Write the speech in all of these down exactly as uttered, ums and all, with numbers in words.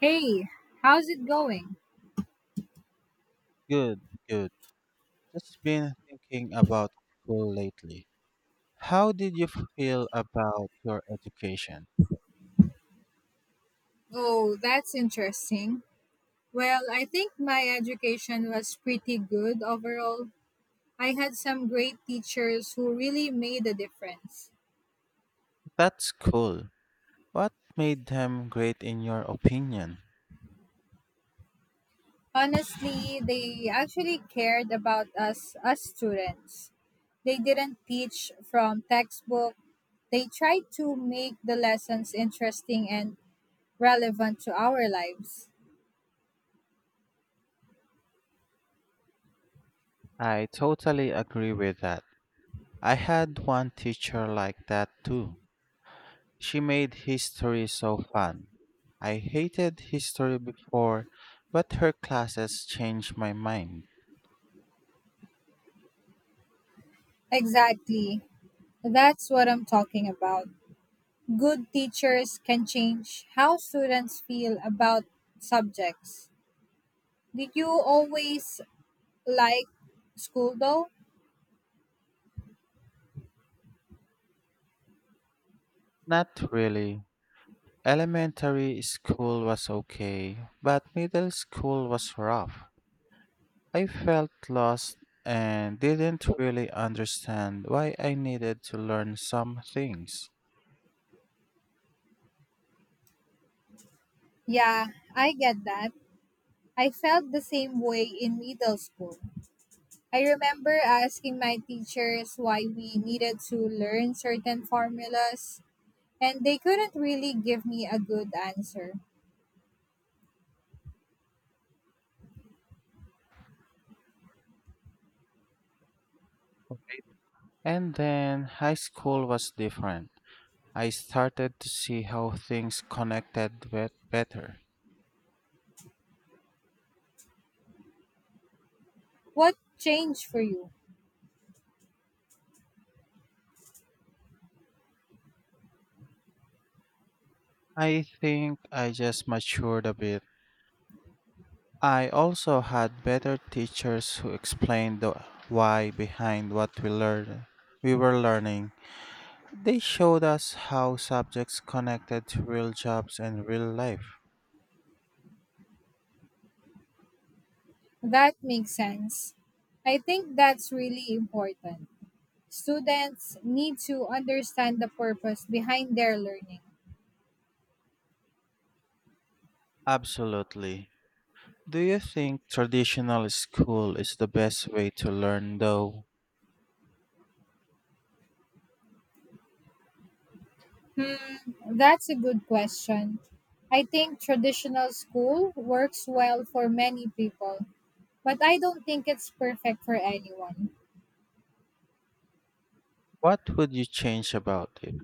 Hey, how's it going? Good, good. Just been thinking about school lately. How did you feel about your education? Oh, that's interesting. Well, I think my education was pretty good overall. I had some great teachers who really made a difference. That's cool. What made them great in your opinion? Honestly, they actually cared about us as students. They didn't teach from textbook. They tried to make the lessons interesting and relevant to our lives. I totally agree with that. I had one teacher like that too. She made history so fun. I hated history before, but her classes changed my mind. Exactly. That's what I'm talking about. Good teachers can change how students feel about subjects. Did you always like school though? Not really. Elementary school was okay, but middle school was rough. I felt lost and didn't really understand why I needed to learn some things. Yeah, I get that. I felt the same way in middle school. I remember asking my teachers why we needed to learn certain formulas, and they couldn't really give me a good answer. And then high school was different. I started to see how things connected bet- better. What changed for you? I think I just matured a bit. I also had better teachers who explained the why behind what we learned we were learning. They showed us how subjects connected to real jobs and real life. That makes sense. I think that's really important. Students need to understand the purpose behind their learning. Absolutely. Do you think traditional school is the best way to learn, though? Hmm, that's a good question. I think traditional school works well for many people, but I don't think it's perfect for anyone. What would you change about it?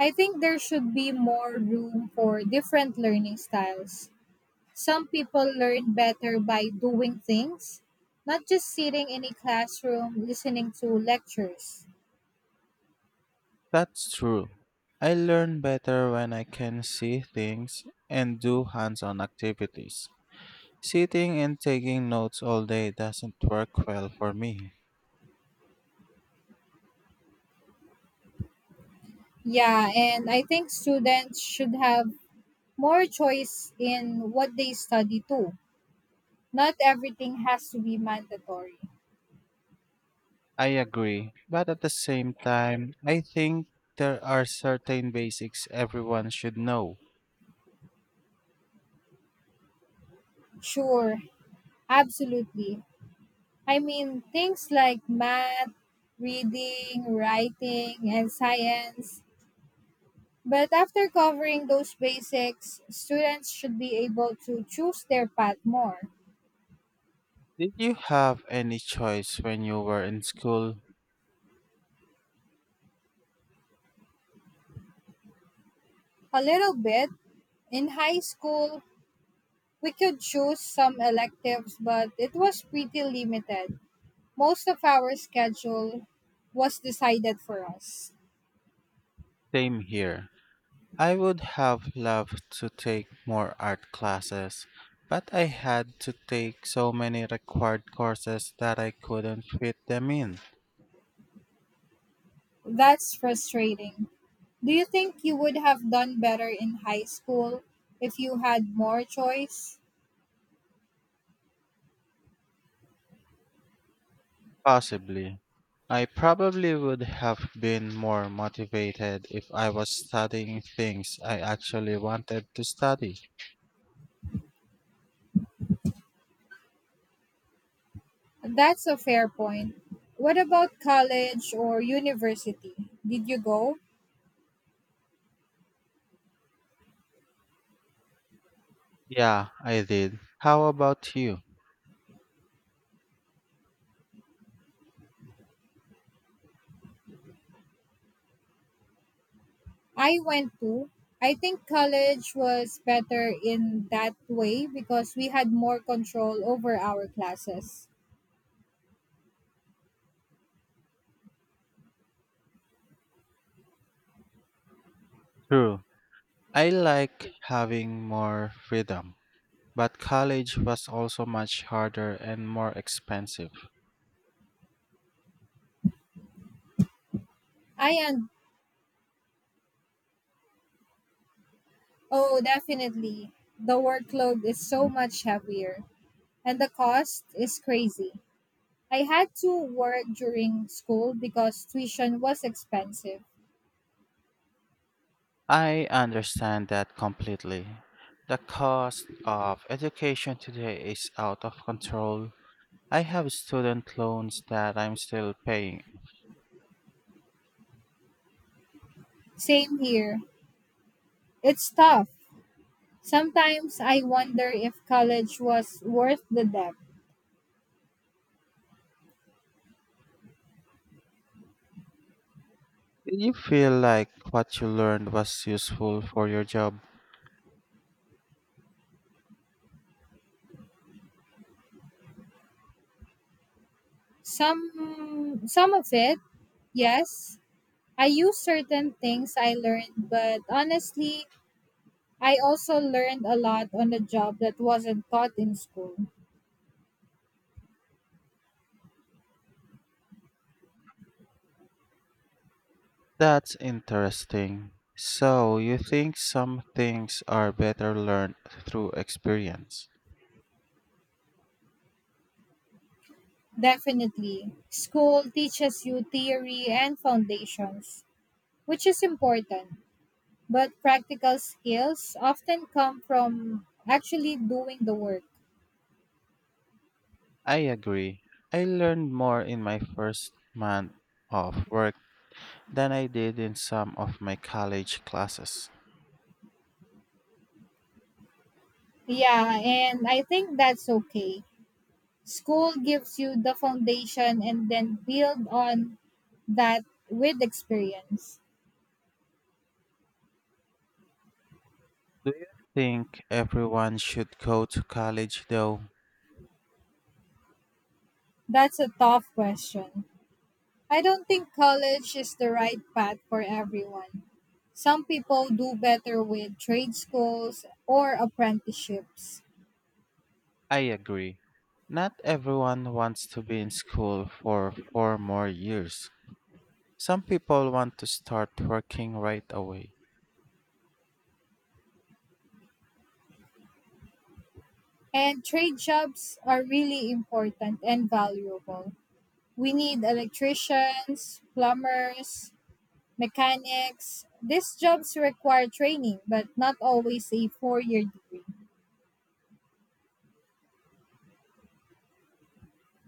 I think there should be more room for different learning styles. Some people learn better by doing things, not just sitting in a classroom listening to lectures. That's true. I learn better when I can see things and do hands on activities. Sitting and taking notes all day doesn't work well for me. Yeah, and I think students should have more choice in what they study too. Not everything has to be mandatory. I agree, but at the same time, I think there are certain basics everyone should know. Sure, absolutely. I mean, things like math, reading, writing, and science. But after covering those basics, students should be able to choose their path more. Did you have any choice when you were in school? A little bit. In high school, we could choose some electives, but it was pretty limited. Most of our schedule was decided for us. Same here. I would have loved to take more art classes, but I had to take so many required courses that I couldn't fit them in. That's frustrating. Do you think you would have done better in high school if you had more choice? Possibly. I probably would have been more motivated if I was studying things I actually wanted to study. That's a fair point. What about college or university? Did you go? Yeah, I did. How about you? I went to. I think college was better in that way because we had more control over our classes. True. I like having more freedom, but college was also much harder and more expensive. I and Oh, definitely. The workload is so much heavier, and the cost is crazy. I had to work during school because tuition was expensive. I understand that completely. The cost of education today is out of control. I have student loans that I'm still paying. Same here. It's tough. Sometimes I wonder if college was worth the debt. Do you feel like what you learned was useful for your job? Some some of it, yes. I use certain things I learned, but honestly, I also learned a lot on the job that wasn't taught in school. That's interesting. So, you think some things are better learned through experience? Definitely. School teaches you theory and foundations, which is important. But practical skills often come from actually doing the work. I agree. I learned more in my first month of work than I did in some of my college classes. Yeah, and I think that's okay. School gives you the foundation and then build on that with experience. Do you think everyone should go to college though? That's a tough question. I don't think college is the right path for everyone. Some people do better with trade schools or apprenticeships. I agree. Not everyone wants to be in school for four more years. Some people want to start working right away. And trade jobs are really important and valuable. We need electricians, plumbers, mechanics. These jobs require training, but not always a four year degree,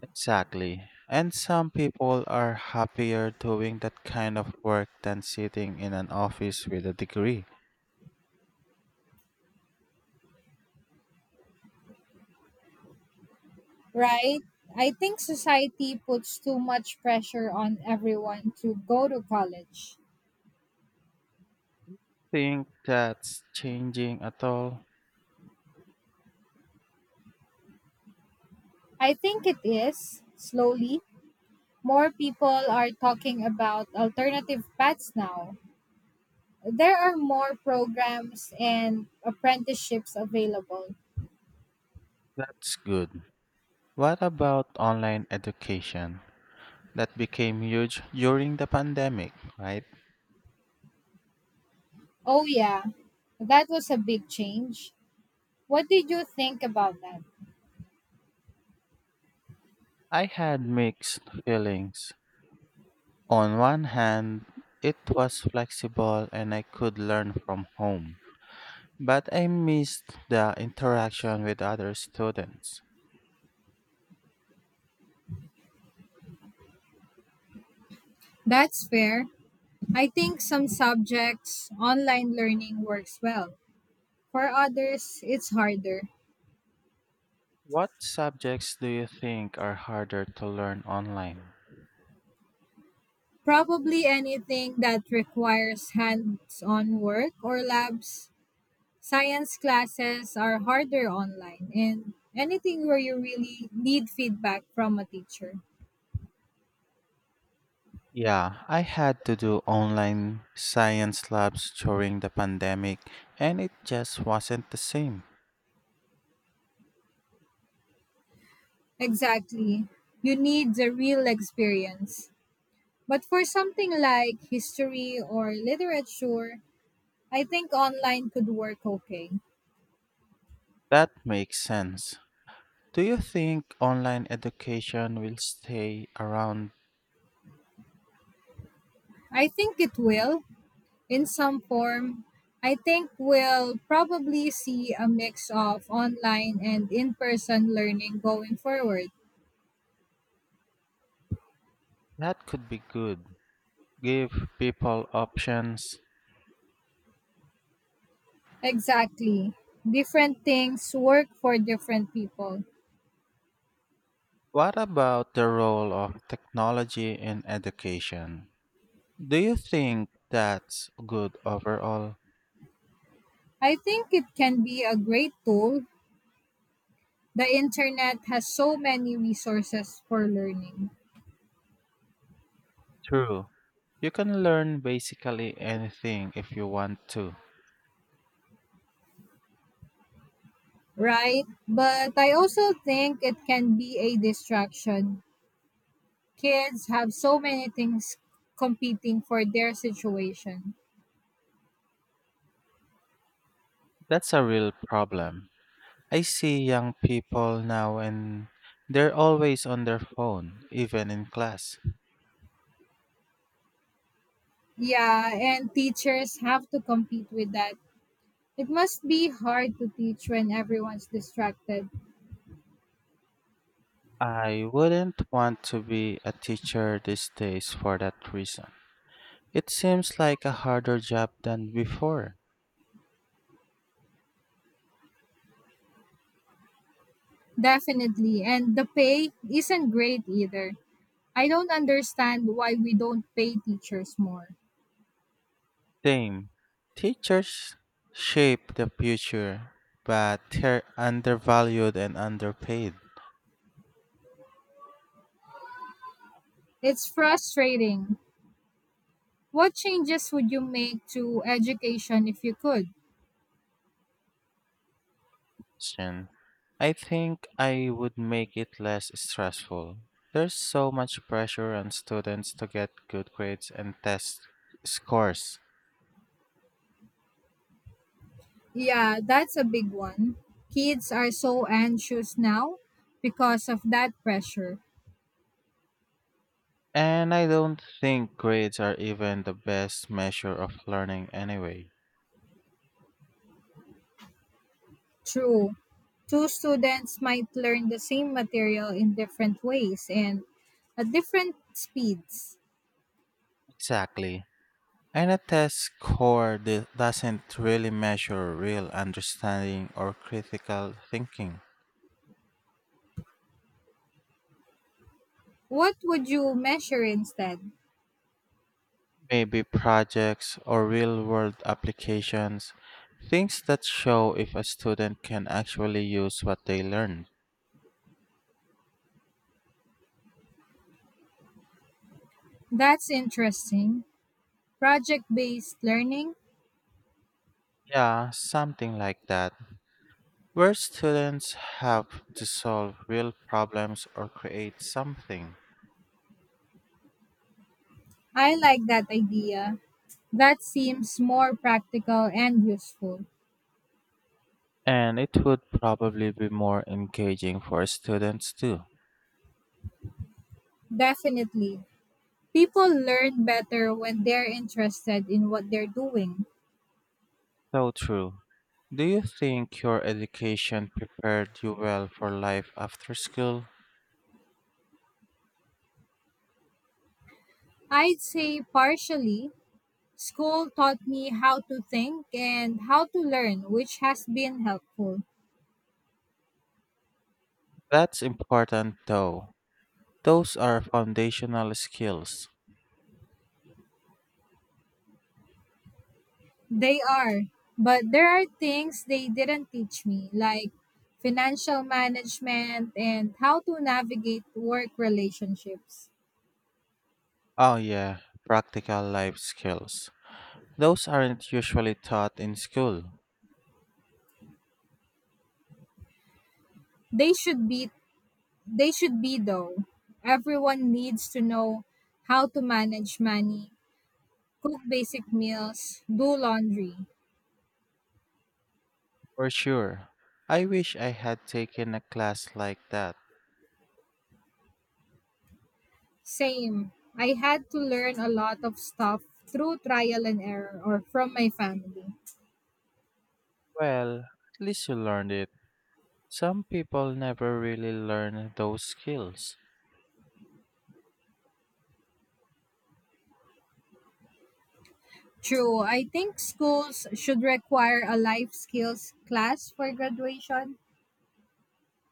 Exactly. And some people are happier doing that kind of work than sitting in an office with a degree. right? I think society puts too much pressure on everyone to go to college. Think that's changing at all? I think it is, slowly, more people are talking about alternative paths now. There are more programs and apprenticeships available. That's good. What about online education? That became huge during the pandemic, right? Oh, yeah, that was a big change. What did you think about that? I had mixed feelings. On one hand, it was flexible and I could learn from home, but I missed the interaction with other students. That's fair. I think some subjects online learning works well. For others, it's harder. What subjects do you think are harder to learn online? Probably anything that requires hands on work or labs. Science classes are harder online, and anything where you really need feedback from a teacher. Yeah, I had to do online science labs during the pandemic and it just wasn't the same. Exactly. You need the real experience. But for something like history or literature, I think online could work okay. That makes sense. Do you think online education will stay around? I think it will in some form. I think we'll probably see a mix of online and in person learning going forward. That could be good. Give people options. Exactly. Different things work for different people. What about the role of technology in education? Do you think that's good overall? I think it can be a great tool. The internet has so many resources for learning, True. You can learn basically anything if you want to. right? But I also think it can be a distraction. Kids have so many things competing for their situation. That's a real problem. I see young people now and they're always on their phone, even in class. Yeah, and teachers have to compete with that. It must be hard to teach when everyone's distracted. I wouldn't want to be a teacher these days for that reason. It seems like a harder job than before. Definitely. And the pay isn't great either. I don't understand why we don't pay teachers more. Same. Teachers shape the future, but they're undervalued and underpaid. It's frustrating. What changes would you make to education if you could? Question. I think I would make it less stressful. There's so much pressure on students to get good grades and test scores. Yeah, that's a big one. Kids are so anxious now because of that pressure. And I don't think grades are even the best measure of learning anyway. True. Two students might learn the same material in different ways and at different speeds. Exactly. And a test score do- doesn't really measure real understanding or critical thinking. What would you measure instead? Maybe projects or real world applications, things that show if a student can actually use what they learn. That's interesting. Project based learning? Yeah, something like that. Where students have to solve real problems or create something. I like that idea. That seems more practical and useful. And it would probably be more engaging for students too. Definitely. People learn better when they're interested in what they're doing. So true. Do you think your education prepared you well for life after school? I'd say partially. School taught me how to think and how to learn, which has been helpful. That's important though. Those are foundational skills. They are, but there are things they didn't teach me, like financial management and how to navigate work relationships. Oh, yeah, practical life skills. Those aren't usually taught in school, They should be they should be though. Everyone needs to know how to manage money, cook basic meals, do laundry. for sure. I wish I had taken a class like that. Same. I had to learn a lot of stuff through trial and error or from my family. Well, at least you learned it. Some people never really learn those skills. True. I think schools should require a life skills class for graduation.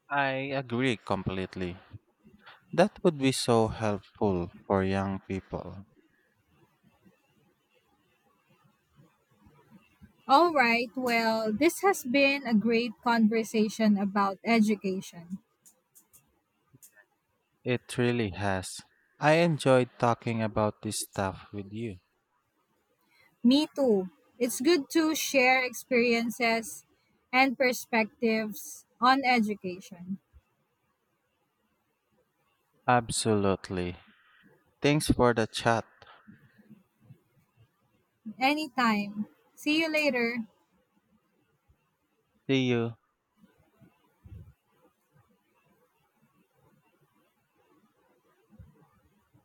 I agree completely. That would be so helpful for young people. All right. Well, this has been a great conversation about education. It really has. I enjoyed talking about this stuff with you. Me too. It's good to share experiences and perspectives on education. Absolutely. Thanks for the chat. Anytime. See you later. See you.